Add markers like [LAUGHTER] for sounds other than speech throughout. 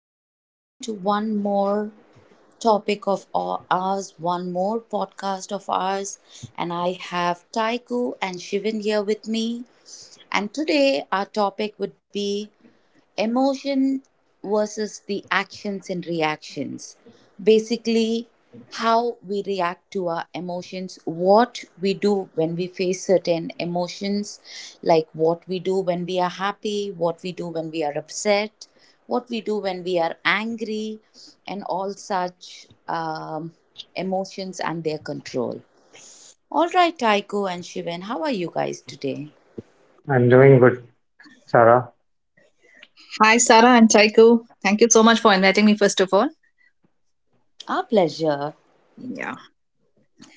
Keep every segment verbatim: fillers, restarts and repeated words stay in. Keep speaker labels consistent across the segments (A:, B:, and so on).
A: and welcome to one more topic of our- ours, one more podcast of ours. And I have Taiku and Shivan here with me. And today, our topic would be emotion versus the actions and reactions, basically how we react to our emotions, what we do when we face certain emotions, like what we do when we are happy, what we do when we are upset, what we do when we are angry, and all such um, emotions and their control. All right, Taiko and Shivan, how are you guys today?
B: I'm doing good, Sarah.
C: Hi, Sarah and Chaiko. Thank you so much for inviting me, first of all.
A: Our pleasure.
C: Yeah.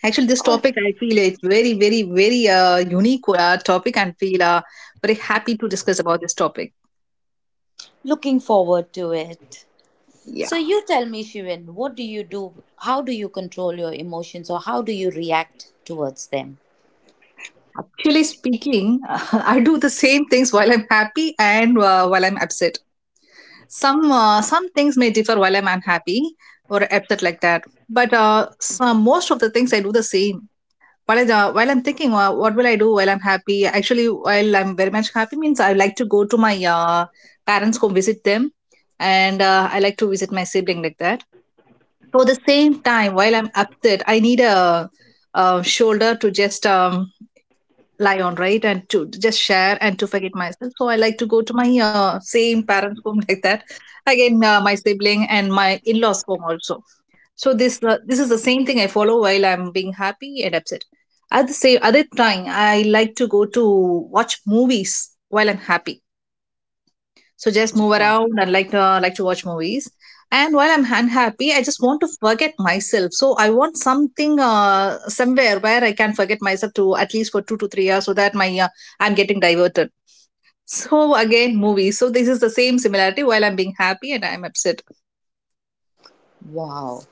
C: Actually, this topic, I feel it's very, very, very uh, unique uh, topic and feel uh, very happy to discuss about this topic.
A: Looking forward to it.
C: Yeah.
A: So you tell me, Shivan, what do you do? How do you control your emotions, or how do you react towards them?
C: Actually speaking, [LAUGHS] I do the same things while I'm happy and uh, while I'm upset. Some uh, some things may differ while I'm unhappy or upset like that. But uh, some, most of the things I do the same. while, I, uh, while I'm thinking, uh, what will I do while I'm happy? Actually, while I'm very much happy means I like to go to my uh, parents' home, visit them, and uh, I like to visit my sibling like that. For the same time, while I'm upset, I need a, a shoulder to just um, lie on, right, and to just share and to forget myself. So I like to go to my uh, same parents' home [LAUGHS] like that. Again, uh, my sibling and my in-laws' home also, so this uh, this is the same thing I follow while I'm being happy and upset. At the same other time, I like to go to watch movies while I'm happy. So just move
A: Wow.
C: around and like uh, like to watch movies. And while I'm unhappy, I just want to forget myself. So I want something uh, somewhere where I can forget myself to at least for two to three hours, so that my uh, I'm getting diverted. So again, movies. So this is the same similarity while I'm being happy and I'm upset.
A: Wow.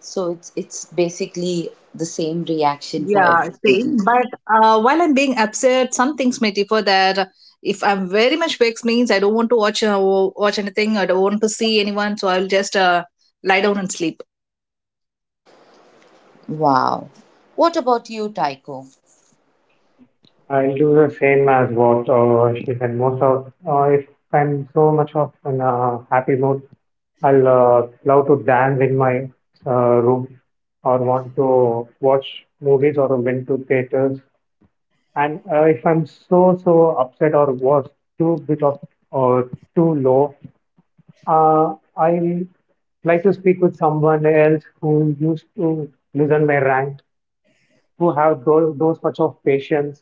A: So it's it's basically the same reaction for
C: Yeah,
A: everything.
C: same. But uh, while I'm being upset, some things may differ that if I'm very much vexed means I don't want to watch uh, watch anything, I don't want to see anyone, so I'll just uh, lie down and sleep.
A: Wow. What about you, Tycho?
B: I'll do the same as what uh, she said. Most of uh, If I'm so much of in a happy mood, I'll uh, love to dance in my uh, room, or want to watch movies or went to theaters. And uh, if I'm so so upset or was too bit of or too low, uh, I like to speak with someone else who used to listen my rant, who have those, those much of patience,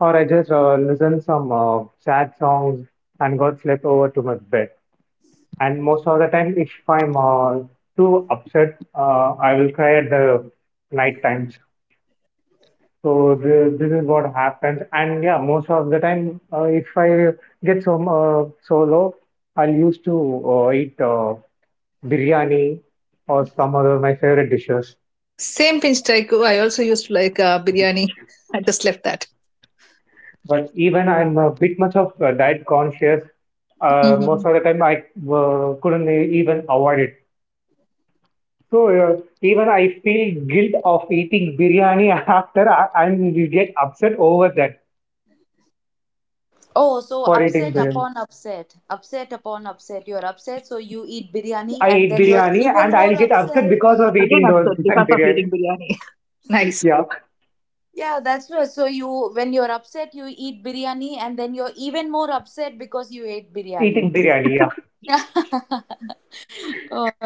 B: or I just uh, listen some uh, sad songs and got slept over to my bed. And most of the time, if I'm uh, too upset, uh, I will cry at the night times. So th- this is what happens. And yeah, most of the time, uh, if I get some uh, so low, I'll used to uh, eat uh, biryani or some other my favorite dishes.
C: Same pinch taiko. I also used to like uh, biryani. [LAUGHS] I just left that.
B: But even I'm a bit much of uh, diet conscious. Uh,
C: Hmm.
B: most of the time, I uh, couldn't even avoid it. So uh, even I feel guilt of eating biryani [LAUGHS] after I, I will get upset over that
A: Oh, so
B: for eating
A: upset
B: biryani.
A: upon upset, upset upon upset. You're upset, so you eat biryani,
B: I
A: and
B: eat
A: then you're
B: biryani
A: even
B: and
A: more
B: I'll get upset
A: upset.
B: because of
C: Again,
B: eating those [LAUGHS]
C: upset because of eating
B: biryani.
C: biryani. [LAUGHS] Nice.
B: Yeah,
A: Yeah, that's right. So you, when you're upset, you eat biryani, and then you're even more upset because you ate biryani.
B: eating biryani. Yeah,
A: [LAUGHS]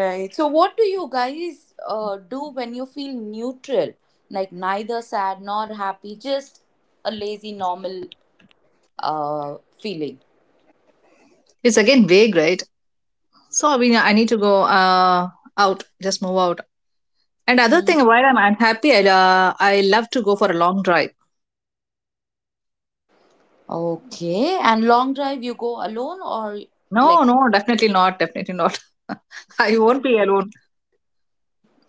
A: Right. So, what do you guys uh, do when you feel neutral, like neither sad nor happy, just a lazy, normal uh, feeling?
C: It's again vague, right? So I mean, I need to go uh, out, just move out. And other thing,
A: Hmm.
C: while I'm unhappy, I uh, I love to go for a long drive.
A: Okay. And long drive, you go alone or
C: No,
A: like,
C: no, definitely not. Definitely not. [LAUGHS] I won't be alone.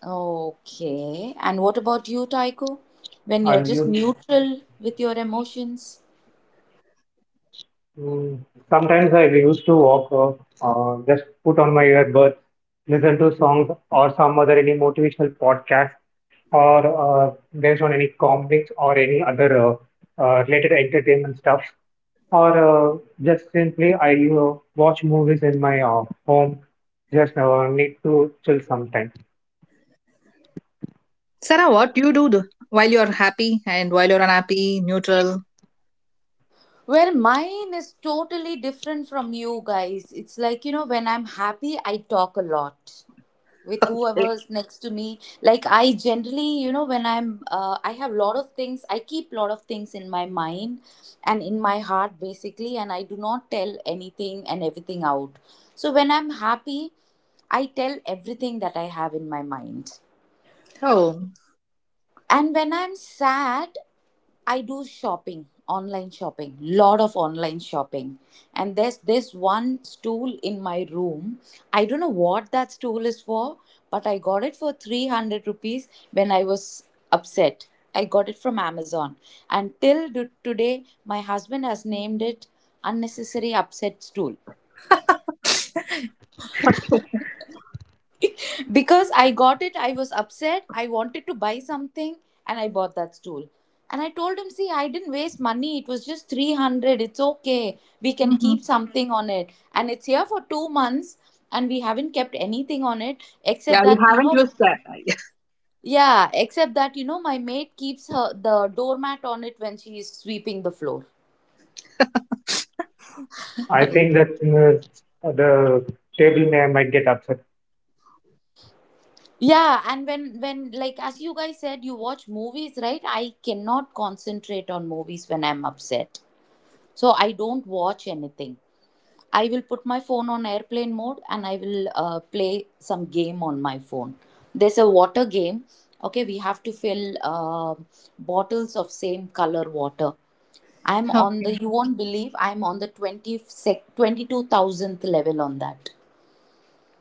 A: okay. And what about you, Taiko? When you're
B: I'm
A: just
B: used
A: neutral with your emotions?
B: to. Sometimes I used to walk, uh, uh, just put on my earbuds, listen to songs or some other any motivational podcast, or uh, based on any comics or any other uh, uh, related entertainment stuff, or uh, just simply I uh, watch movies in my uh, home. Just uh, need to chill sometime.
C: Sarah, what do you do th- while you're happy and while you're unhappy, neutral?
A: Well, mine is totally different from you guys. It's like, you know, when I'm happy, I talk a lot with
C: Okay.
A: whoever's next to me. Like, I generally, you know, when i'm uh, I have lot of things, I keep lot of things in my mind and in my heart, basically, and I do not tell anything and everything out. So when I'm happy, I tell everything that I have in my mind.
C: Oh,
A: And when I'm sad, I do shopping, online shopping, lot of online shopping. And there's this one stool in my room. I don't know what that stool is for, but I got it for three hundred rupees when I was upset. I got it from Amazon. And till do- today, my husband has named it unnecessary upset stool.
C: okay.
A: Because I got it, I was upset. I wanted to buy something and I bought that stool. And I told him, see, I didn't waste money. It was just three hundred. It's okay, we can
C: Hmm.
A: keep something on it. And it's here for two months and we haven't kept anything on it
C: Yeah,
A: except
C: you
A: that, you
C: haven't
A: know,
C: used that. [LAUGHS]
A: yeah, except that, you know, my maid keeps her the doormat on it when she is sweeping the floor.
B: I
C: Right.
B: think that uh, the table may might get upset.
A: Yeah, and when when like as you guys said, you watch movies, right? I cannot concentrate on movies when I'm upset. So I don't watch anything. I will put my phone on airplane mode and I will uh, play some game on my phone. There's a water game. Okay, we have to fill uh, bottles of same color water. I'm on the,
C: Okay.
A: you won't believe, I'm on the 20 sec, twenty-two thousandth level on that.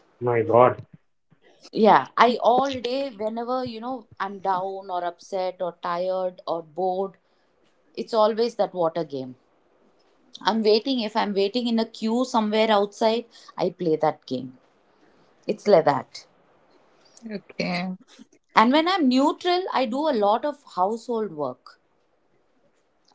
B: Oh my god!
A: Yeah, I all day, whenever, you know, I'm down or upset or tired or bored, it's always that water game. I'm waiting. If I'm waiting in a queue somewhere outside, I play that game. It's like that.
C: Okay.
A: And when I'm neutral, I do a lot of household work.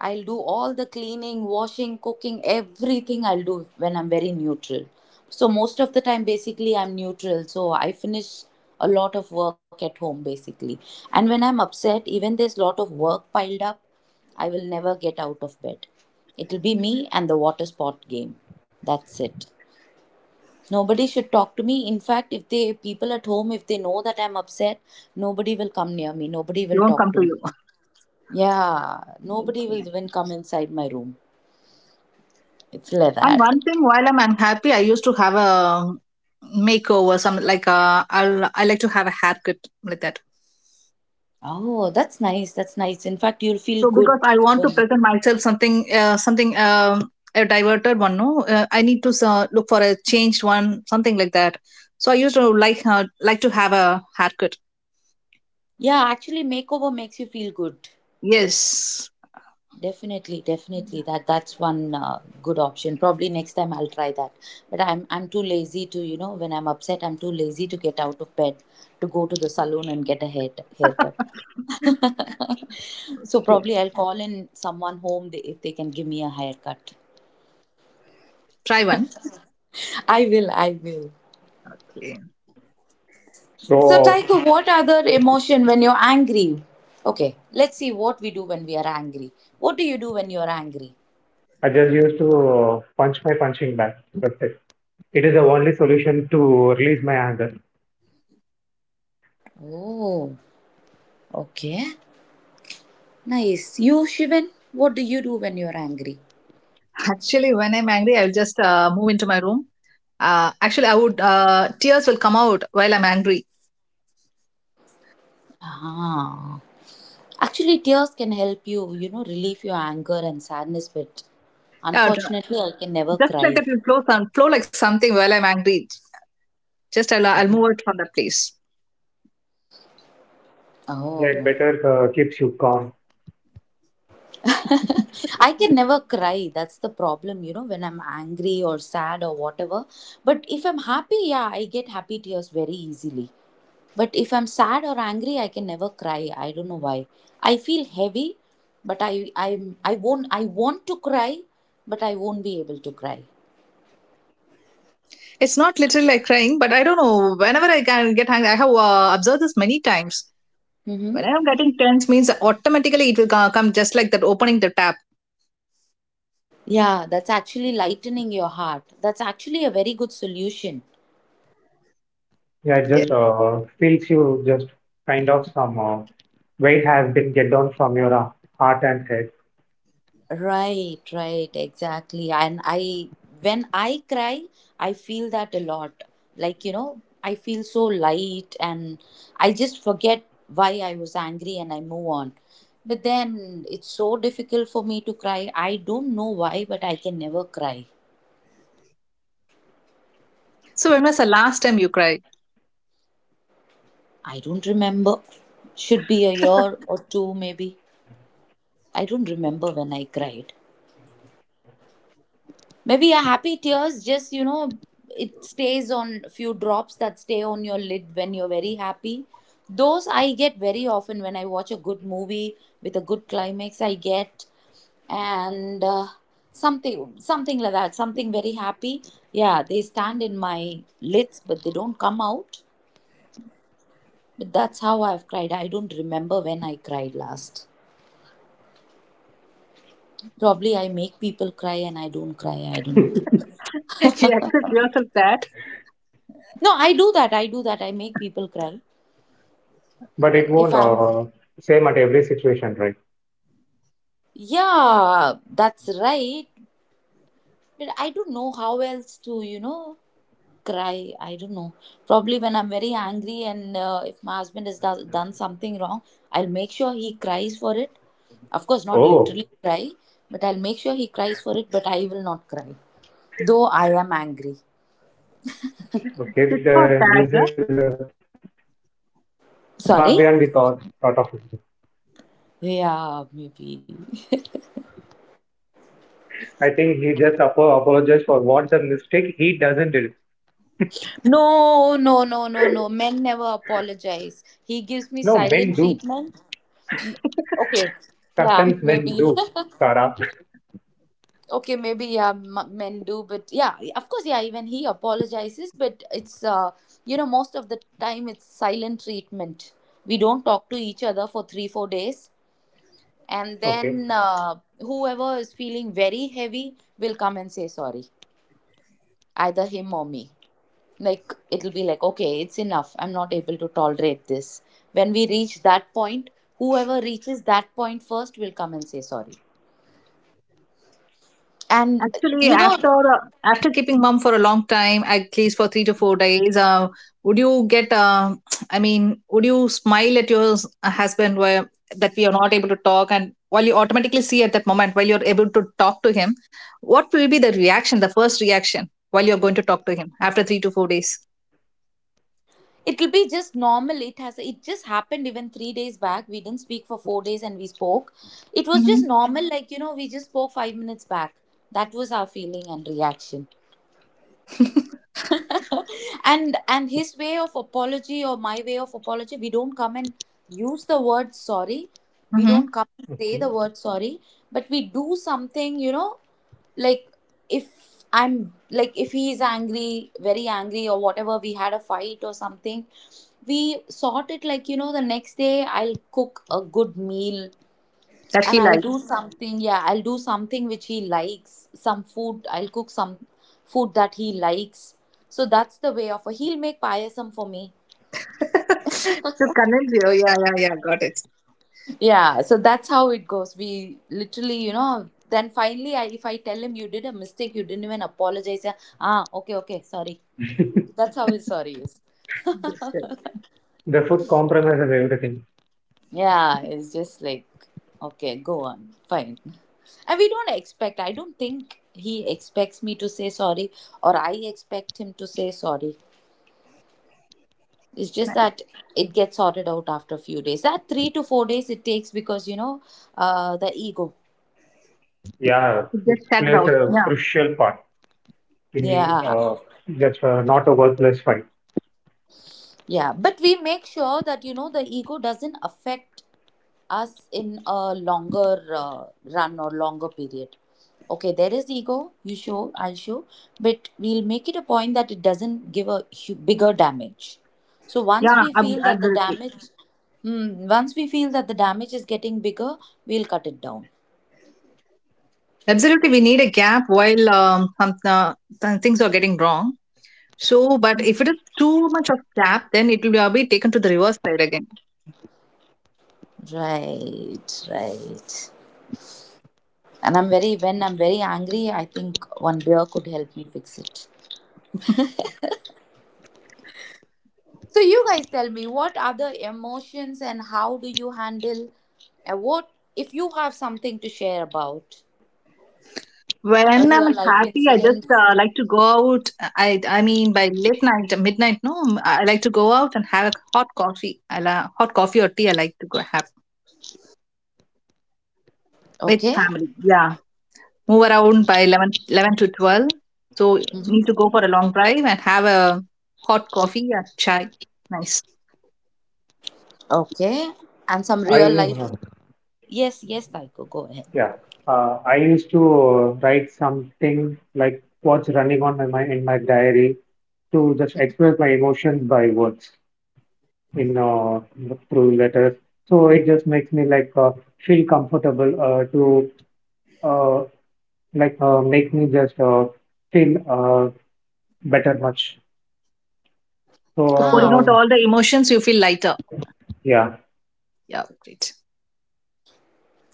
A: I'll do all the cleaning, washing, cooking, everything I'll do when I'm very neutral. So, most of the time, basically, I'm neutral. So, I finish a lot of work at home, basically. And when I'm upset, even there's a lot of work piled up, I will never get out of bed. It'll be me and the water sport game. That's it. Nobody should talk to me. In fact, if they people at home, if they know that I'm upset, nobody will come near me. Nobody
C: It
A: will
C: won't
A: talk
C: come
A: to
C: to
A: me.
C: you.
A: Yeah, nobody will
C: Okay.
A: even come inside my room. It's like
C: And
A: that.
C: one thing, while I'm unhappy, I used to have a makeover, some like i I'll, I like to have a haircut like that.
A: Oh, that's nice. That's nice. In fact, you'll feel
C: So because
A: good
C: I want
A: when
C: to
A: you.
C: present myself something, uh, something um, a diverted one. No, uh, I need to uh, look for a changed one, something like that. So I used to like uh, like to have a haircut.
A: Yeah, actually, makeover makes you feel good.
C: Yes,
A: Definitely, definitely. That that's one uh, good option. Probably next time I'll try that. But I'm I'm too lazy to, you know, when I'm upset, I'm too lazy to get out of bed to go to the salon and get a hair haircut. [LAUGHS] So
C: okay.
A: probably I'll call in someone home, they, if they can give me a haircut.
C: Try one.
A: I will, I will.
C: Okay.
A: So
B: So
A: Taiko, what other emotion when you're angry? Okay, let's see what we do when we are angry. What do you do when you're angry?
B: I just used to uh, punch my punching bag. That's it. It is the only solution to release my anger.
A: Oh, okay. Nice. You, Shivan, what do you do when you're angry?
C: Actually, when I'm angry, I'll just uh, move into my room. Uh, actually, I would uh, tears will come out while I'm angry.
A: Ah. Actually, tears can help you, you know, relieve your anger and sadness, but
C: Uh,
A: unfortunately, I can never
C: just like
A: cry.
C: that, will flow some flow like something while I'm angry. Just I'll uh, I'll move out from that place.
B: Yeah, it
A: Oh.
B: better uh, keeps you calm.
A: [LAUGHS] I can never cry. That's the problem, you know, when I'm angry or sad or whatever. But if I'm happy, yeah, I get happy tears very easily. But if I'm sad or angry, I can never cry. I don't know why. I feel heavy, but I I I won't I want to cry, but I won't be able to cry.
C: It's not literally like crying, but I don't know. Whenever I can get angry, I have uh, observed this many times.
A: Mm-hmm.
C: When I'm getting tense, means automatically it will co- come just like that, opening the tap.
A: Yeah, that's actually lightening your heart. That's actually a very good solution.
B: Yeah, it
C: Yeah.
B: just uh, feels you just kind of some uh, weight has been get down from your uh, heart and head,
A: Right, right, exactly. And I, when I cry, I feel that a lot. Like, you know, I feel so light and I just forget why I was angry and I move on. But then it's so difficult for me to cry. I don't know why, but I can never cry.
C: So when was the last time you cried?
A: I don't remember. Should be a
C: [LAUGHS] You
A: year or two, maybe. I don't remember when I cried. Maybe a happy tears just, you know, it stays on few drops that stay on your lid when you're very happy. Those I get very often. When I watch a good movie with a good climax, I get and uh, something something like that, something very happy. Yeah, they stand in my lids but they don't come out. But that's how I've cried. I don't remember when I cried last. Probably I make people cry and I don't cry. I don't know.
C: accept yourself that.
A: No, I do that. I do that. I make people cry
B: but it
A: if
B: won't
A: I'm.
B: uh, same at every situation, right?
A: Yeah, that's right. But I don't know how else to, you know, cry. I don't know. Probably when I'm very angry and uh, if my husband has do- done something wrong, I'll make sure he cries for it. Of course, not
B: Oh,
A: literally cry, but I'll make sure he cries for it, but I will not cry. Though I am angry.
C: Sit for
B: okay.
C: that,
B: The,
C: huh?
B: this is uh, far
A: Sorry?
B: beyond the thought thought of it.
A: Yeah, maybe. [LAUGHS]
B: I think he just apo- apologized for what's a mistake he doesn't do.
A: No, no, no, no, no. Men never apologize. He gives me
B: No,
A: silent
B: men do.
A: treatment. M- Okay. Yeah,
B: Sometimes men
A: maybe.
B: do. Sarah.
A: [LAUGHS] Okay, maybe, yeah, m- men do, but, yeah, of course, yeah. Even he apologizes, but it's uh, you know, most of the time it's silent treatment. We don't talk to each other for three, four days, and
B: Okay.
A: then uh, whoever is feeling very heavy will come and say sorry, either him or me. Like it'll be like, okay, it's enough. I'm not able to tolerate this. When we reach that point, whoever reaches that point first will come and say sorry. And uh,
C: Actually,
A: you know,
C: after after keeping mum for a long time, at least for three to four days, uh, would you get? Uh, [TSK] I mean, would you smile at your s- husband where that we are not able to talk, and while you automatically see at that moment while you're able to talk to him, what will be the reaction, the first reaction while you're going to talk to him after three to four days?
A: it'll be just normal. It has it just happened even three days back, we didn't speak for four days, and we spoke. It was just
C: Hmm.
A: normal, like, you know, we just spoke five minutes back. That was our feeling and reaction. [LAUGHS] and and his way of apology or my way of apology, we don't come and use the word sorry. We
C: Hmm.
A: don't come and say
B: Okay.
A: the word sorry, but we do something, you know. Like, if I'm like if he is angry, very angry, or whatever, we had a fight or something, we sort it, like, you know, the next day I'll cook a good meal
C: That
A: and
C: he
A: I'll do something. Yeah, I'll do something which he likes, some food. I'll cook some food that he likes. So that's the way of a. He'll make payasam for me.
C: likes [LAUGHS] to convince you. Yeah, yeah, yeah. Got it.
A: Yeah, so that's how it goes. We literally, you know, then finally I, if I tell him you did a mistake, you didn't even apologize. Yeah, ah, okay, okay, sorry. That's how his sorry is.
C: Good, good.
B: The food compromises everything.
A: Yeah, it's just like, okay, go on, fine. And we don't expect, I don't think he expects me to say sorry or I expect him to say sorry. It's just
C: Nice.
A: that it gets sorted out after a few days. That three to four days it takes because, you know, uh, the ego.
B: Yeah,
C: It
B: it
C: gets started
B: plays
C: out.
B: a
C: Yeah,
B: crucial part. Be
A: Yeah,
B: uh, That's uh, not a worthless fight.
A: yeah, but we make sure that, you know, the ego doesn't affect us in a longer uh, run or longer period. Okay, there is ego, you show, I'll show, but we'll make it a point that it doesn't give a hu- bigger damage. So once
C: yeah,
A: we
C: ab-
A: feel that the
C: absolutely.
A: damage, hmm, once we feel that the damage is getting bigger, we'll cut it down.
C: Absolutely, we need a gap while um, some, uh, some things are getting wrong. So, but if it is too much of gap, then it will be taken to the reverse side again.
A: Right, right. And I'm very, when I'm very angry, I think one beer could help me fix it. So you guys tell me what other emotions and how do you handle and what if you have something to share about
C: When
A: a
C: I'm
A: real life
C: happy, I just
A: incident.
C: uh, like to go out. I I mean, by late night, midnight, no, um, I like to go out and have a hot coffee. I la- hot coffee or tea. I like to go have with
A: Okay,
C: family. Yeah, move around by eleven, eleven to twelve. So need to go for a long drive and have a hot coffee or chai. Nice.
A: okay, and some
B: I
A: real life.
B: uh,
A: Yes, yes, Taiko, go ahead.
B: Yeah, uh, I used to uh, write something like what's running on my mind in my diary, to just express my emotions by words in uh, through letters. So it just makes me like uh, feel comfortable uh, to uh, like uh, make me just uh, feel uh, better much. So
C: For pouring
A: Ah.
C: out
B: um
C: all the emotions, you feel lighter.
B: yeah,
C: Yeah, great.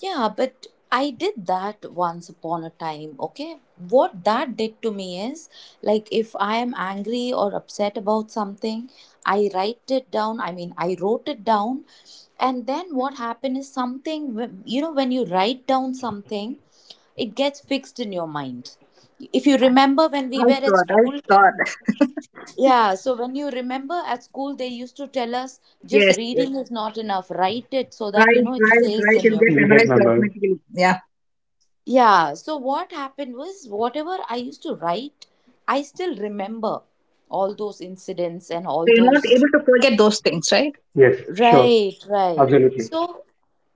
A: Yeah, but I did that once upon a time, okay? What that did to me is like if I am angry or upset about something, I write it down. I mean, I wrote it down. And then what happened is something, wh- you know, when you write down something, it gets fixed in your mind. If you remember when we
C: Nice
A: were at
C: word, nice
A: school,
C: thought.
A: yeah, so when you remember at school, they used to tell us just
C: Yes, yes.
A: reading is not enough, write it so that you
C: Right,
A: know it
C: right,
A: stays
C: right.
A: in
C: It'll
A: your.
C: get
B: you will get
C: memorized
B: member.
C: automatically. Yeah.
A: Yeah, so what happened was whatever I used to write, I still remember all those incidents and all
C: So you're not
A: those.
C: able to forget those things, right?
B: Yes, sure,
A: Right, right.
C: Yes.
B: absolutely.
A: So,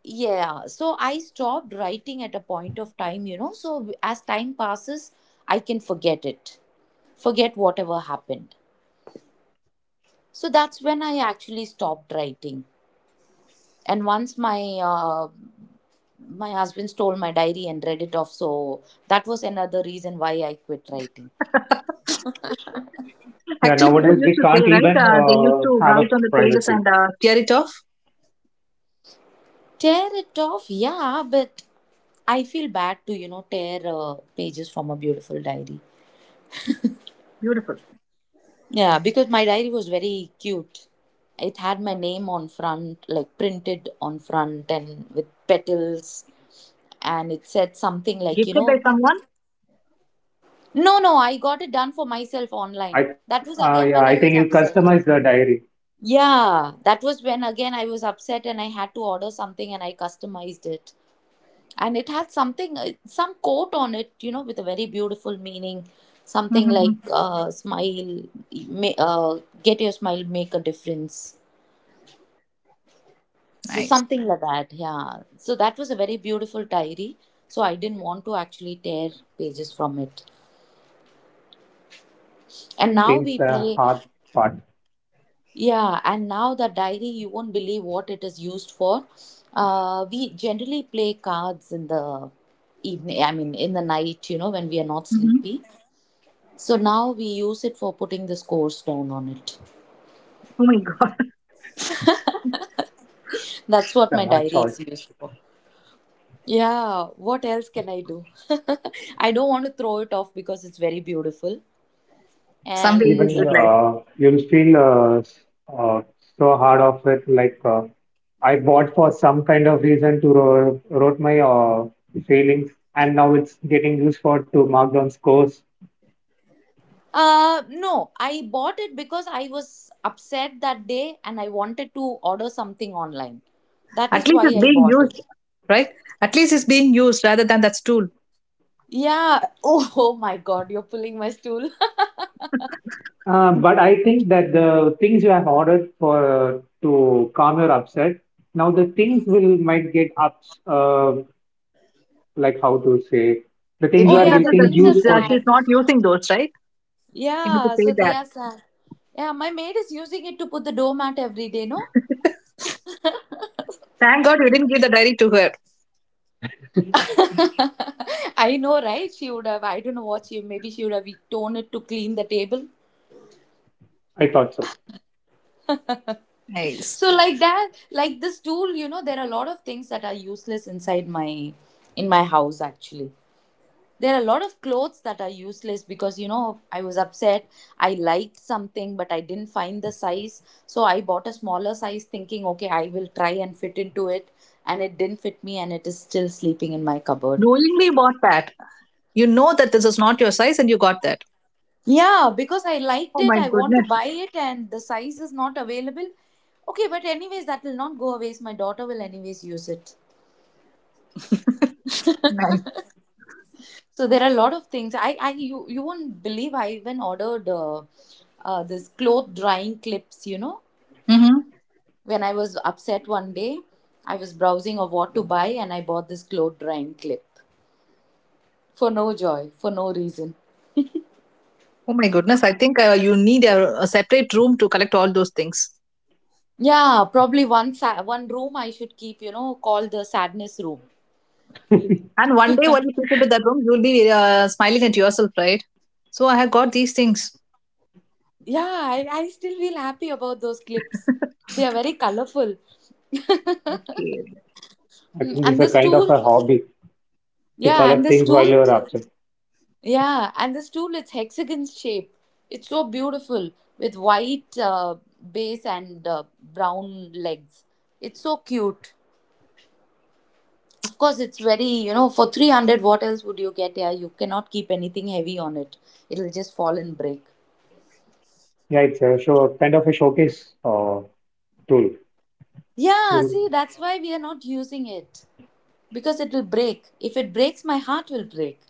A: yeah, so I stopped writing at a point of time, you know. So, w- as time passes, I can forget it, forget whatever happened. So, that's when I actually stopped writing. And once my uh, my husband stole my diary and read it off, so that was another reason why I quit writing.
C: [LAUGHS]
B: Yeah,
C: Actually, people
B: nowadays
C: used
B: we
C: to say,
B: can't
C: right?
B: even
C: Uh, they used
B: uh,
C: to
B: have
C: write
B: a
C: on the pages and
B: privacy.
C: uh, tear it off.
A: Tear it off, yeah, but I feel bad to, you know, tear uh, pages from a beautiful diary.
C: Beautiful.
A: Yeah, because my diary was very cute. It had my name on front, like printed on front and with petals. And it said something like, you
C: Gifted by
A: know,
C: someone?
A: no, no, I got it done for myself online.
B: I,
A: That was
B: uh,
A: again
B: yeah,
A: when I
B: I
A: was
B: think you
A: upset.
B: customize the diary.
A: Yeah, that was when again I was upset and I had to order something and I customized it. And it had something uh, some quote on it, you know, with a very beautiful meaning, something like
C: Mm-hmm.
A: uh, smile, ma- uh, get your smile, make a difference. So
C: Nice.
A: something like that, yeah. So that was a very beautiful diary, so I didn't want to actually tear pages from it. And
B: I
A: now we
B: think it's a
A: play,
B: hard part,
A: yeah, and now the diary, you won't believe what it is used for. Uh, we generally play cards in the evening, I mean in the night, you know, when we are not
C: Mm-hmm.
A: sleepy. So now we use it for putting the scores down on it.
C: Oh my God. [LAUGHS]
A: That's what
B: it's
A: my
B: a hard
A: diary is
B: choice.
A: used for. Yeah, what else can I do? [LAUGHS] I don't want to throw it off because it's very beautiful.
C: Some they
A: And
C: use
B: Even
C: utilize.
B: uh, you'll feel uh, uh, so hard of it. Like uh, I bought for some kind of reason to ro- wrote my uh, feelings, and now it's getting used for to mark down scores.
A: uh no, I bought it because I was upset that day and I wanted to order something online. That
C: At
A: is
C: least
A: why
C: it's
A: I
C: being
A: bought
C: used,
A: it.
C: right? At least it's being used rather than that stool.
A: Yeah. Oh, [LAUGHS] oh my God, you're pulling my stool. [LAUGHS]
B: Uh, but I think that the things you have ordered for to calm your upset, now the things will might get ups. Uh, like how to say the
C: It
B: things
A: Oh
B: you
C: will get
B: are
A: yeah, the
C: after that
B: getting
A: things are
B: used
C: she's, uh,
B: for.
C: she's
A: sad.
C: not using those, right? Him to
A: Yeah,
C: say
A: so they
C: that.
A: are sad. Yeah, my maid is using it to put the doormat every day, no? [LAUGHS]
C: Thank God you didn't give the diary to her.
A: I know, right? She would have, I don't know what she, maybe she would have torn it to clean the table.
B: I thought so.
C: Nice.
A: So, like that, like this tool, you know, there are a lot of things that are useless inside my, in my house, actually. There are a lot of clothes that are useless because you know I was upset. I liked something, but I didn't find the size. So I bought a smaller size thinking, okay, I will try and fit into it. And it didn't fit me, and it is still sleeping in my cupboard.
C: Knowingly bought that. You know that this is not your size and you got that.
A: Yeah, because I liked
C: Oh
A: it,
C: my
A: I want to
C: goodness.
A: buy it, and the size is not available. Okay, but anyways, that will not go away. My daughter will anyways use it.
C: Nice.
A: So there are a lot of things. I, I, you, you won't believe I even ordered uh, uh, this cloth drying clips. You know,
C: Mm-hmm.
A: when I was upset one day, I was browsing of what to buy and I bought this clothes drying clip for no joy, for no reason.
C: Oh my goodness. I think uh, you need a, a separate room to collect all those things.
A: Yeah, probably one sa- one room I should keep, you know, called the sadness room.
C: And one day when you people to that room, you'll be uh, smiling at yourself, right? So I have got these things.
A: Yeah, I, I still feel happy about those clips. They are very colorful.
C: Okay.
B: I
A: Mm.
B: think this is
A: And
B: a
A: the
B: kind of
A: stool,
B: a hobby to
A: yeah, and
B: collect
A: the
B: things while
A: stool,
B: you are upset.
A: yeah, and the stool, it's hexagon shape. It's so beautiful with white uh, base and uh, brown legs. It's so cute. Of course, it's very, you know, for three hundred, what else would you get? Yeah, you cannot keep anything heavy on it, it'll just fall and break.
B: Yeah, it's a show kind of a showcase uh, tool.
A: Yeah, see,
B: Mm.
A: that's why we are not using it because it will break. If it breaks, my heart will break.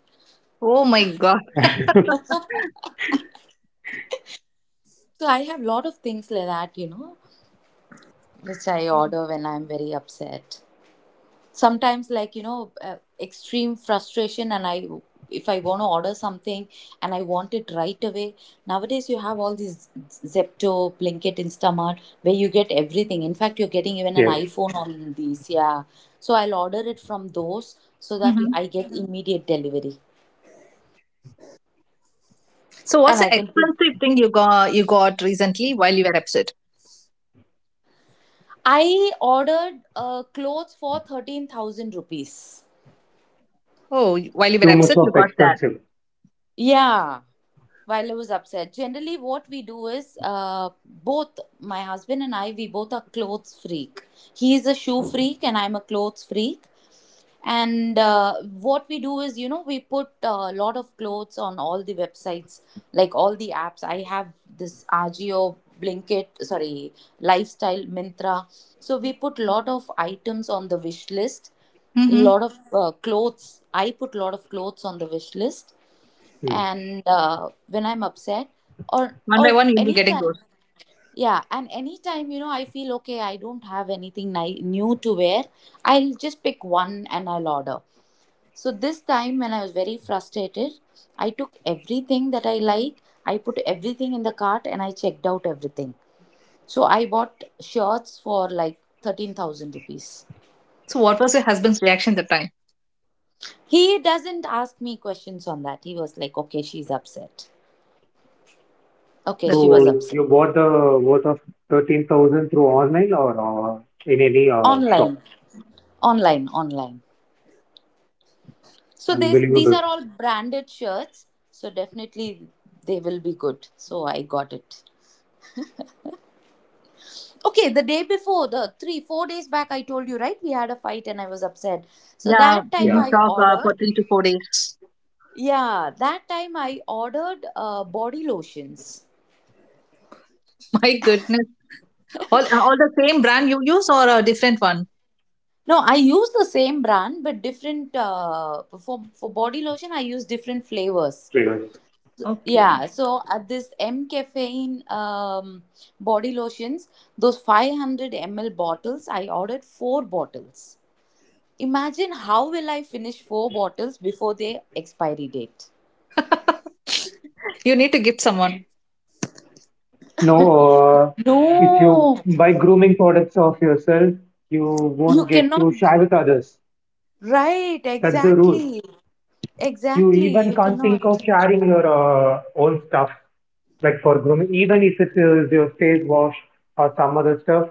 C: Oh my God.
B: [LAUGHS]
A: So I have lot of things like that, you know, which I order when I'm very upset. Sometimes like you know uh, extreme frustration, and I, if I want to order something and I want it right away. Nowadays you have all these Zepto, Blinkit, Instamart, where you get everything. In fact, you're getting even
B: Yeah,
A: an iPhone on these, yeah. So I'll order it from those so that you,
C: Mm-hmm.
A: I get. Mhm. Immediate delivery,
C: So what's
A: and
C: the
A: I can put,
C: expensive thing you got you got recently while you were upset?
A: I ordered uh, clothes for thirteen thousand rupees.
C: Oh, while you were
B: too much
C: upset, you
B: of
C: got that.
B: expensive.
A: Yeah, while I was upset. Generally, what we do is uh, both my husband and I, we both are clothes freak. He is a shoe freak, and I'm a clothes freak. And uh, what we do is, you know, we put a lot of clothes on all the websites, like all the apps. I have this Agio, Blinkit, sorry, Lifestyle, Mintra. So we put lot of items on the wish list,
C: Mm-hmm.
A: lot of uh, clothes. I put lot of clothes on the wish list,
B: Mm.
A: and uh, when I'm upset or
C: One
A: or
C: by one, you'll be getting
A: anytime,
C: those.
A: yeah, and anytime, you know, I feel okay, I don't have anything ni- new to wear, I'll just pick one and I'll order. So this time when I was very frustrated, I took everything that I liked, I put everything in the cart, and I checked out everything. So I bought shirts for like thirteen thousand rupees.
C: So, what was your husband's reaction at the time?
A: He doesn't ask me questions on that. He was like, okay, she's upset, okay,
C: That's
A: she was
C: great.
B: So
A: upset.
B: you bought the worth of thirteen thousand through online or uh, in any uh, shop.
A: Online, online, online. So these these
B: Unbelievable.
A: are all branded shirts, so definitely they will be good, so I got it. Okay, the day before, the three four days back I told you, right, we had a fight and I was upset. So
C: Yeah,
A: that
C: we
A: time
B: Yeah,
C: didn't
A: I
C: talk uh,
A: ordered,
C: for three to four days.
A: yeah, that time I ordered uh, body lotions.
C: [LAUGHS] My goodness. All, all the same brand you use or a different one?
A: No, I use the same brand, but different uh, for for body lotion I use different flavors.
B: triggers.
C: Okay.
A: Yeah, so at this M caffeine um, body lotions, those five hundred m l bottles, I ordered four bottles. Imagine how will I finish four bottles before their expiry date?
C: You need to gift someone.
B: No, uh, if you
A: No,
B: buy grooming products of yourself, you
A: you
B: won't get
A: cannot.
B: to share with others.
A: Right,
B: That's the rule.
A: exactly.
B: You
A: Exactly,
B: even
A: you
B: can't think of
A: cannot.
B: sharing your uh, own stuff, like for grooming, even if it is your face wash or some other stuff.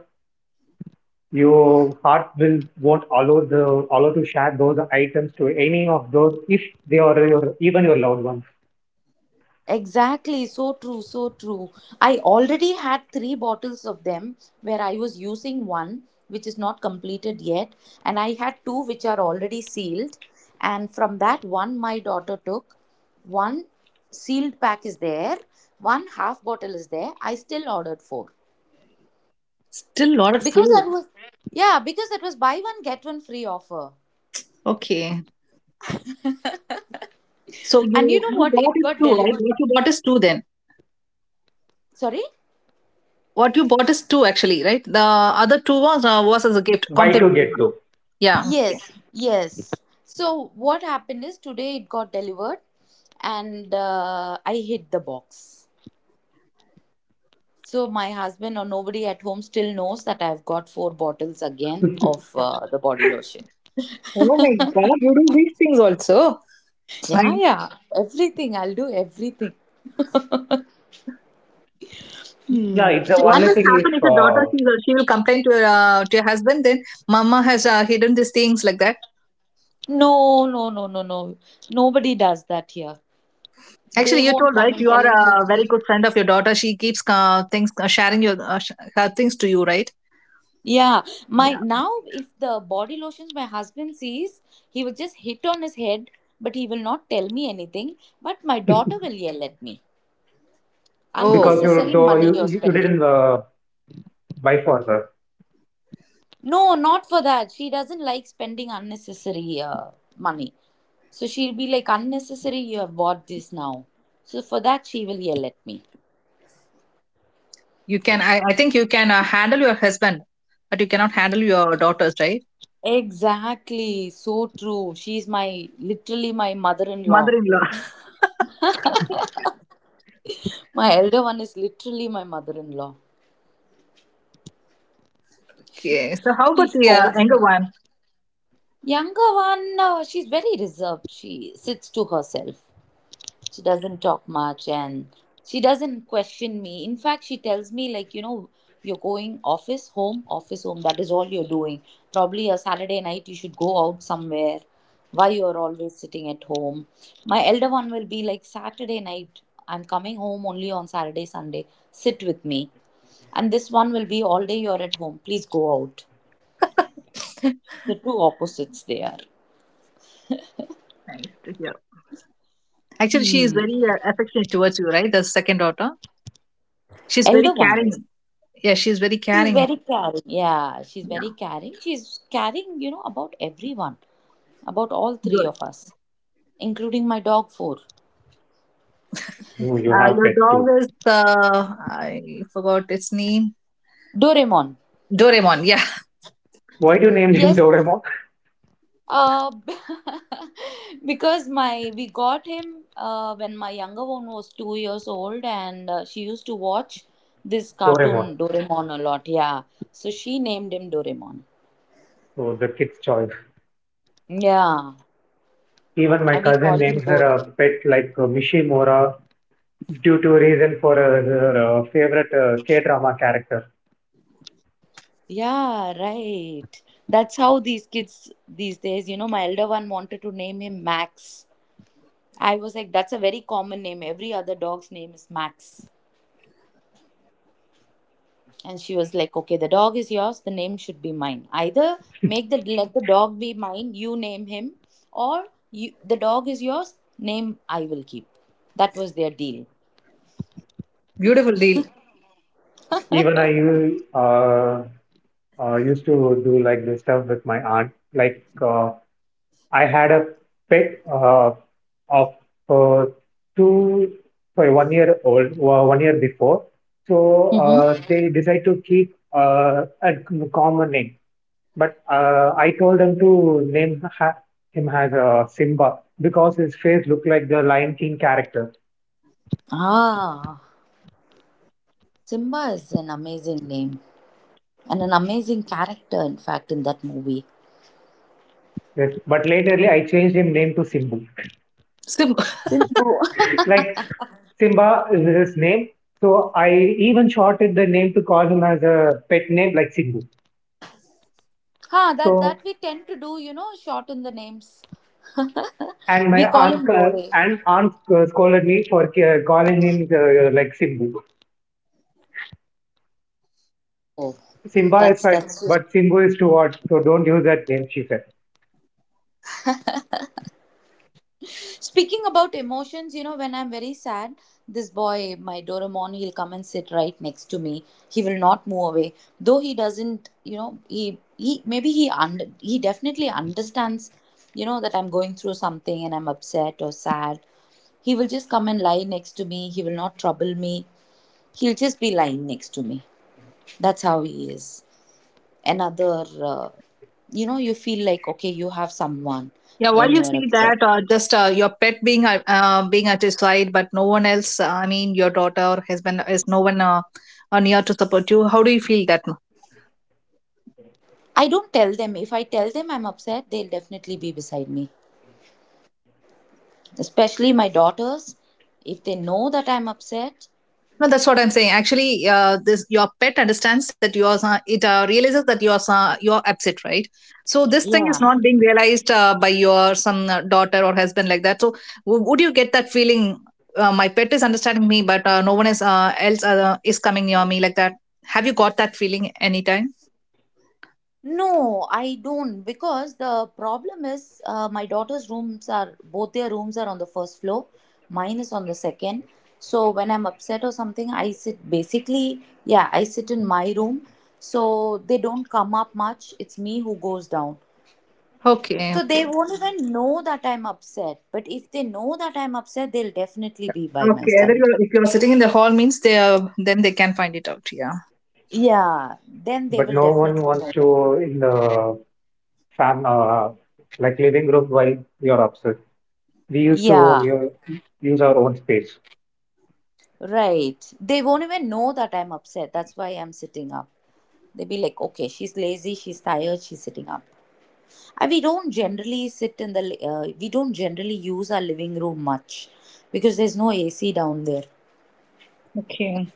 B: Your heart will won't allow the allow to share those items to any of those if they are your even your loved ones.
A: Exactly, so true, so true. I already had three bottles of them where I was using one which is not completed yet, and I had two which are already sealed. And from that, one my daughter took, one sealed pack is there, one half bottle is there. I still ordered four
C: Still a lot of
A: because
C: food.
A: that was, yeah, because that was buy one, get one free offer.
C: Okay. So,
A: And you
C: you,
A: know
C: you
A: what? It
C: bought is
A: got
C: two, right?
A: delivered.
C: What you bought is two then.
A: Sorry?
C: What you bought is two actually, right? The other two was, uh, was as a gift,
B: Buy to
C: complimentary
B: get
C: one.
B: to.
C: Yeah. Okay.
A: Yes, yes. So what happened is today it got delivered and uh, I hid the box. So my husband or nobody at home still knows that I've got four bottles again of uh, the body lotion.
C: Oh my god, you do these things also. My
A: Yeah, yeah. Everything. I'll do everything.
B: Yeah, it's the
C: what
B: only
C: will
B: thing
C: happen if
B: if
C: your daughter
B: uh,
C: she will, she will complain to your uh, to your husband then mama has uh, hidden these things like that.
A: No, no, no, no, no. Nobody does that here. They
C: Actually you
A: won't
C: told,
A: come
C: right,
A: and
C: you
A: tell
C: are
A: him.
C: a very good friend of your daughter. She keeps uh, things uh, sharing your uh, sh- her things to you, right?
A: Yeah, my
C: Yeah.
A: now if the body lotions my husband sees, he will just hit on his head, but he will not tell me anything. But my daughter will yell at me.
C: Oh,
B: because you
A: Unnecessary
B: do
A: money you're
B: you, you
A: spending.
B: didn't uh, why for her?
A: No, not for that. She doesn't like spending unnecessary uh, money. So she'll be like, unnecessary, you have bought this now. So for that, she will yell at me.
C: you can i, I think you can uh, handle your husband, but you cannot handle your daughters, right?
A: Exactly, so true. She's my literally my mother in law.
C: Mother-in-law.
A: My elder one is literally my mother in law.
C: Okay, so how about
A: She
C: the uh,
A: scolds
C: younger
A: me.
C: one?
A: Younger one, uh, she's very reserved. She sits to herself. She doesn't talk much, and she doesn't question me. In fact, she tells me, like, you know, you're going office, home, office, home. That is all you're doing. Probably a Saturday night, you should go out somewhere. Why you're always sitting at home? My elder one will be like, Saturday night, I'm coming home only on Saturday, Sunday. Sit with me. And this one will be, all day you're at home. Please go out.
C: [LAUGHS]
A: The two opposites they are.
C: Nice to hear. Actually she is
A: Hmm.
C: very uh, affectionate towards you, right? The second daughter, she's very
A: Elder one is.
C: caring. Yeah, she's very
A: She's
C: caring actually.
A: very caring. Yeah, she's very
C: Yeah.
A: caring. She's caring, you know, about everyone, about all three
C: Good.
A: of us, including my dog four.
B: No, you have
C: Uh, your
B: pet too.
C: dog is uh, I forgot its name.
A: Doraemon.
C: Doraemon. Yeah, [LAUGHS]
B: Why do you name him
A: Yes.
B: Doraemon?
A: Uh, [LAUGHS] because my we got him uh, when my younger one was two years old, and uh, she used to watch this
B: Doraemon.
A: cartoon Doraemon a lot. Yeah, so she named him Doraemon.
B: So the kid's choice.
A: Yeah,
B: Even my
A: and we
B: cousin
A: call him
B: named her
A: Dore.
B: a pet like uh, Mishimura, due to reason for uh, her uh, favorite uh, K-drama character.
A: Yeah, right. That's how these kids these days, you know, my elder one wanted to name him Max. I was like, that's a very common name. Every other dog's name is Max. And she was like, okay, the dog is yours, the name should be mine. Either make the let the dog be mine, you name him, or you, the dog is yours, name I will keep. That was their deal.
C: beautiful deal.
B: Even I u- uh, uh, used to do like this stuff with my aunt, like uh, I had a pet uh, of uh, two, sorry, one year old, wa- one year before. So
A: Mm-hmm.
B: uh, they decide to keep uh, a common name. But uh, I told them to name ha him as uh, Simba because his face looked like the Lion King character.
A: Ah, Simba is an amazing name and an amazing character, in fact, in that movie.
B: Yes. But laterly, I changed him name to Simbu.
C: Sim- [LAUGHS]
A: Simbu. [LAUGHS]
B: Like Simba is his name. So I even shorted the name to call him as a pet name like Simbu.
A: Huh, that
B: So,
A: that we tend to do, you know, shorten the names.
B: and my
A: We call
B: aunt
A: him
B: uh,
A: Dore.
B: and aunt uh, scolded me for ca- calling him uh, like Simbu.
A: Oh,
B: Simba is
A: that's
B: fine,
A: that's just
B: but Simbu is too hot, so don't use that name, she said.
A: speaking about emotions, you know, when I'm very sad, this boy, my Doraemon, he'll come and sit right next to me. He will not move away, though he doesn't, you know, he he maybe he under he definitely understands, you know, that I'm going through something and I'm upset or sad. He will just come and lie next to me. He will not trouble me. He'll just be lying next to me. That's how he is. Another uh, you know, you feel like okay, you have someone
C: yeah, while
A: when
C: you
A: you are
C: see
A: upset.
C: that, or just uh, your pet being uh, uh, being at his side, but no one else. Uh, I mean, your daughter or husband is no one uh, uh, near to support you. How do you feel that?
A: I don't tell them. If I tell them I'm upset, they'll definitely be beside me, especially my daughters. If they know that I'm upset,
C: No, that's what I'm saying. Actually, uh, this your pet understands that you are sa- it uh, realizes that you are sa- you are upset, right? So this thing
A: yeah.
C: is not being realized uh, by your some uh, daughter, or husband like that. So w- would you get that feeling? Uh, my pet is understanding me, but uh, no one is uh, else uh, is coming near me like that. Have you got that feeling anytime?
A: No, I don't, because the problem is uh, my daughter's rooms are both their rooms are on the first floor, mine is on the second. So when I'm upset or something, I sit basically, yeah, I sit in my room. So they don't come up much. It's me who goes down.
C: Okay,
A: So they
C: okay,
A: won't even know that I'm upset. But if they know that I'm upset, they'll definitely be by my
C: okay. Either
A: side.
C: you're, if you're sitting in the hall means they are, then they can find it out. Yeah.
A: Yeah, then they
B: But
A: will
B: no one
A: definitely know
B: wants
A: that.
B: to in the fam uh, like living room while you are upset. We used to
A: Yeah,
B: own use our own space.
A: right. They won't even know that I'm upset. That's why I'm sitting up. They'll be like, okay, she's lazy, she's tired, she's sitting up. And we don't generally sit in the, uh, we don't generally use our living room much because there's no A C down there.
C: Okay,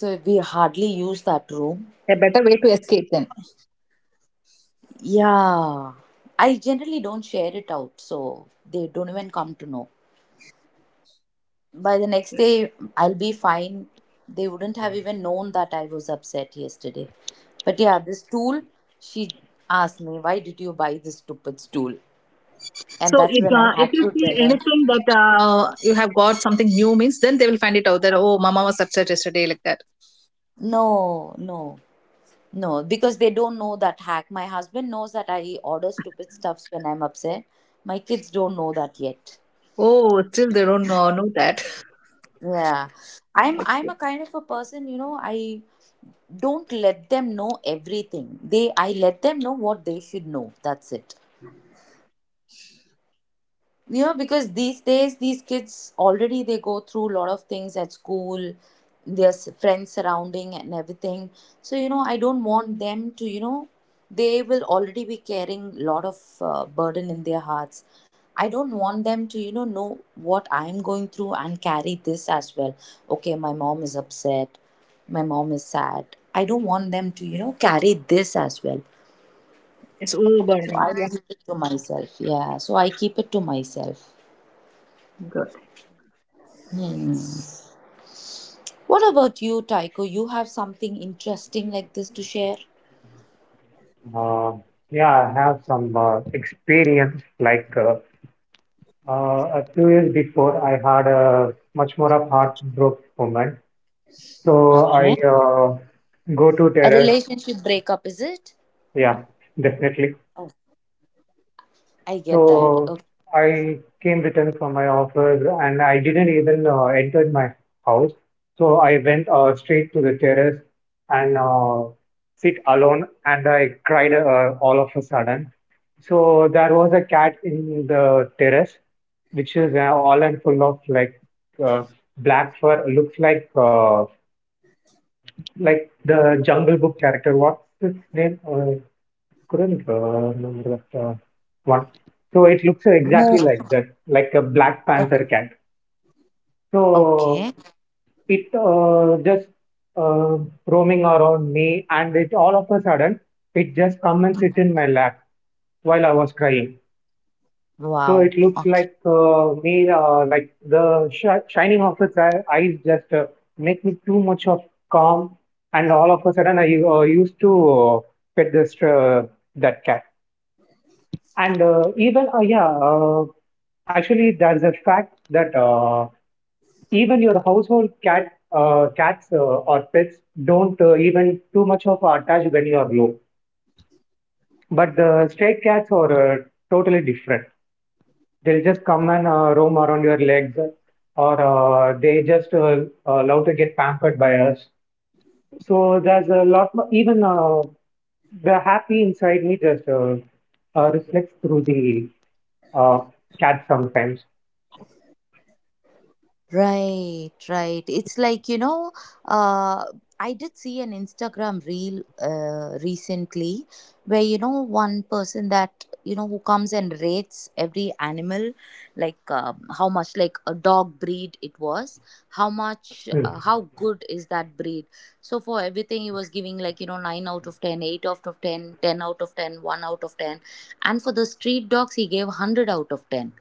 A: So we hardly use that room.
C: a better way to escape then.
A: Yeah. I generally don't share it out, so they don't even come to know. By the next day, I'll be fine. They wouldn't have even known that I was upset yesterday. But yeah, this tool, she asked me, why did you buy this stupid stool? And
C: So
A: that's
C: if
A: when I
C: uh, if
A: had
C: you
A: to
C: see
A: tell her.
C: anything that uh, you have got something new means, then they will find it out that oh, mama was upset yesterday like that.
A: No, no, no, because they don't know that hack. My husband knows that I order stupid stuffs when I'm upset. My kids don't know that yet.
C: Oh, still they don't know, know that.
A: Yeah. I'm I'm
C: Okay.
A: a kind of a person, you know, I don't let them know everything. They I let them know what they should know. That's it. You know, because these days these kids already, they go through a lot of things at school, their s- friends surrounding and everything. So you know, I don't want them to, you know, they will already be carrying a lot of uh, burden in their hearts. I don't want them to, you know know what I'm going through and carry this as well. Okay, my mom is upset, my mom is sad. I don't want them to, you know, carry this as well.
C: It's
A: So
C: overwhelming.
A: I
C: Yeah,
A: keep it to myself. Yeah, so I keep it to myself.
C: good.
A: Hmm. What about you, Tycho? You have something interesting like this to share?
B: Uh, yeah, I have some uh, experience like uh, uh, a few years before I had a much more of heartbroken moment. So I
A: Okay.
B: uh, go to
A: A
B: terrace.
A: relationship breakup, is it?
B: Yeah, definitely.
A: Oh, I get that.
B: So
A: Okay.
B: I came returned from my office and I didn't even uh, enter my house. So I went uh, straight to the terrace and uh, sit alone and I cried uh, all of a sudden. So there was a cat in the terrace, which is uh, all and full of like uh, black fur. Looks like uh, like the Jungle Book character. What's its name? Uh, couldn't uh, remember that uh, one. So it looks
A: More.
B: exactly like that, like a Black Panther cat. So
A: Okay.
B: it uh, just uh, roaming around me, and it all of a sudden it just come and sit in my lap while I was crying. So
A: Wow.
B: it looks
A: Okay.
B: like uh, me, uh, like the sh- shining of its eye- eyes just uh, make me too much of calm, and all of a sudden I uh, used to uh, pet this uh, that cat. And uh, even, uh, yeah, uh, actually, there's a fact that uh, even your household cat, uh, cats uh, or pets don't uh, even too much of attach when you are low. But the stray cats are uh, totally different. They'll just come and uh, roam around your legs, or uh, they just uh, uh, love to get pampered by us. So there's a lot, more. Even uh, The happy inside me just uh, uh, reflects through the uh, cat sometimes.
A: Right, right. It's like, you know, uh, I did see an Instagram reel uh, recently where, you know, one person that, you know, who comes and rates every animal, like um, how much, like a dog breed it was, how much,
B: Hmm.
A: uh, how good is that breed. So for everything, he was giving like, you know, nine out of ten, eight out of ten, ten out of ten, one out of ten. And for the street dogs, he gave one hundred out of ten.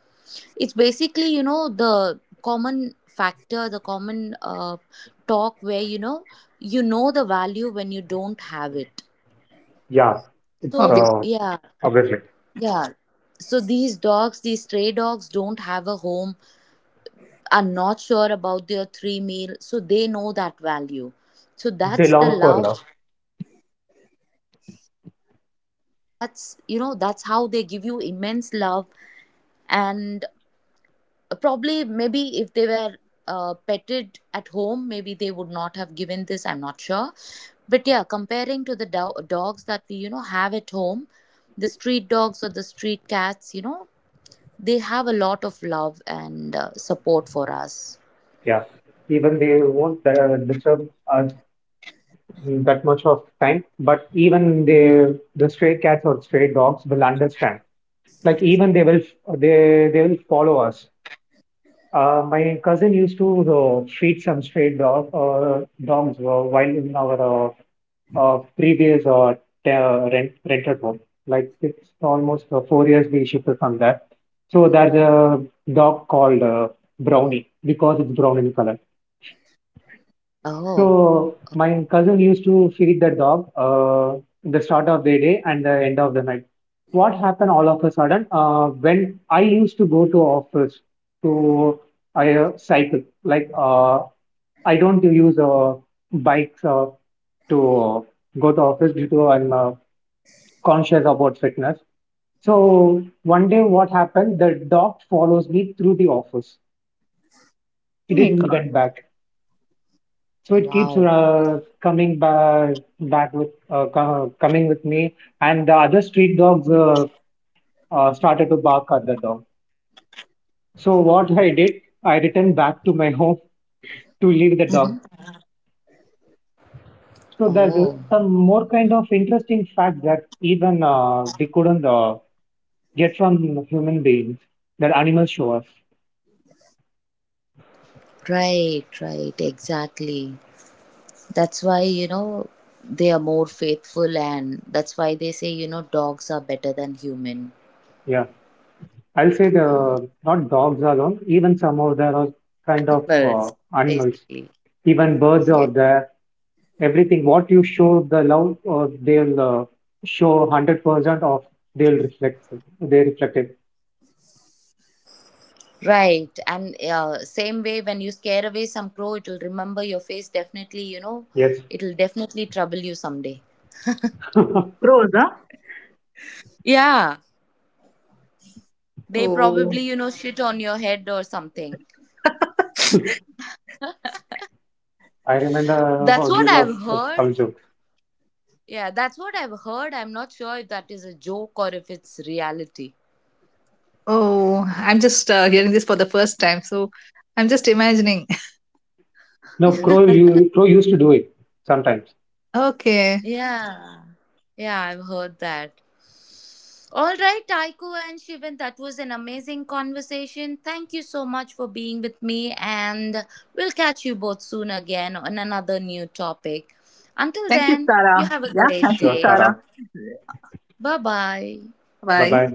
A: It's basically, you know, the common factor, the common uh, talk where, you know, you know the value when you don't have it.
B: Yeah, it's
A: So
B: uh,
C: Obviously.
A: yeah.
B: obviously
A: Yeah, so these dogs, these stray dogs, don't have a home, are not sure about their three meal, so they know that value. So
B: they
A: that's the
B: long for
A: love.
B: love.
A: Yeah, so that's, you know, that's how they give you immense love. And probably maybe if they were uh, petted at home, maybe they would not have given this, I'm not sure. But yeah, comparing to the do- dogs that we, you know, have at home, the street dogs or the street cats, you know, they have a lot of love and uh, support for us.
B: Yeah, even they won't uh, disturb us that much of time, but even the the stray cats or stray dogs will understand. Like even they will they they will follow us. Uh, my cousin used to uh, feed some stray dog, uh, dogs uh, while in our uh, uh, previous uh, te- uh, rent, rented home. Like it's almost uh, four years we shifted from that. So there's a dog called uh, Brownie because it's brown in color.
A: Oh,
B: So my cousin used to feed the dog uh, the start of the day and the end of the night. What happened all of a sudden uh, when I used to go to office to — I uh, cycle, like uh, I don't use uh, bikes uh, to go to office due to I'm uh, conscious about fitness. So one day what happened, the dog follows me through the office. It
C: Oh my
B: didn't
C: god.
B: went back. So it keeps
A: wow.
B: uh, coming back back with uh, co- coming with me, and the other street dogs uh, uh, started to bark at the dog. So what I did, I returned back to my [LAUGHS] home to leave the
A: Hmm.
B: dog. So there's uh,
A: Oh,
B: some more kind of interesting facts that even uh, we couldn't uh, get from human beings that animals show us.
A: right, right, exactly. That's why, you know, they are more faithful, and that's why they say, you know, dogs are better than human.
B: Yeah, I'll say
A: Mm.
B: the not dogs alone, even some of there are kind of uh,
A: Animals
B: animals.
A: basically.
B: Even birds
A: Yeah,
B: are there, everything what you show the love uh, they'll uh, show one hundred percent of, they'll reflect, they reflect it.
A: right, and uh, same way, when you scare away some crow, it'll remember your face definitely, you know,
B: Yes.
A: it'll definitely trouble you someday.
B: [LAUGHS]
C: Pros, huh?
A: Yeah, they probably,
C: Oh.
A: you know, shit on your head or something.
C: [LAUGHS]
B: I remember
A: That's
B: all
A: what
B: these of
A: I've heard.
B: some jokes.
A: Yeah, that's what I've heard. I'm not sure if that is a joke or if it's reality.
C: Oh, I'm just uh, hearing this for the first time, so I'm just imagining. [LAUGHS]
B: No crow, you crow used to do it sometimes.
C: Okay.
A: Yeah, yeah, I've heard that. All right, Taiko and Shivan, that was an amazing conversation. Thank you so much for being with me, and we'll catch you both soon again on another new topic. Until
C: Thank you,
A: then, you
C: Sarah.
A: have a
C: Yeah,
A: great
C: thank you,
B: Sure,
A: day.
C: Sarah.
B: Sarah.
A: Bye bye.
B: Bye bye.
C: Bye.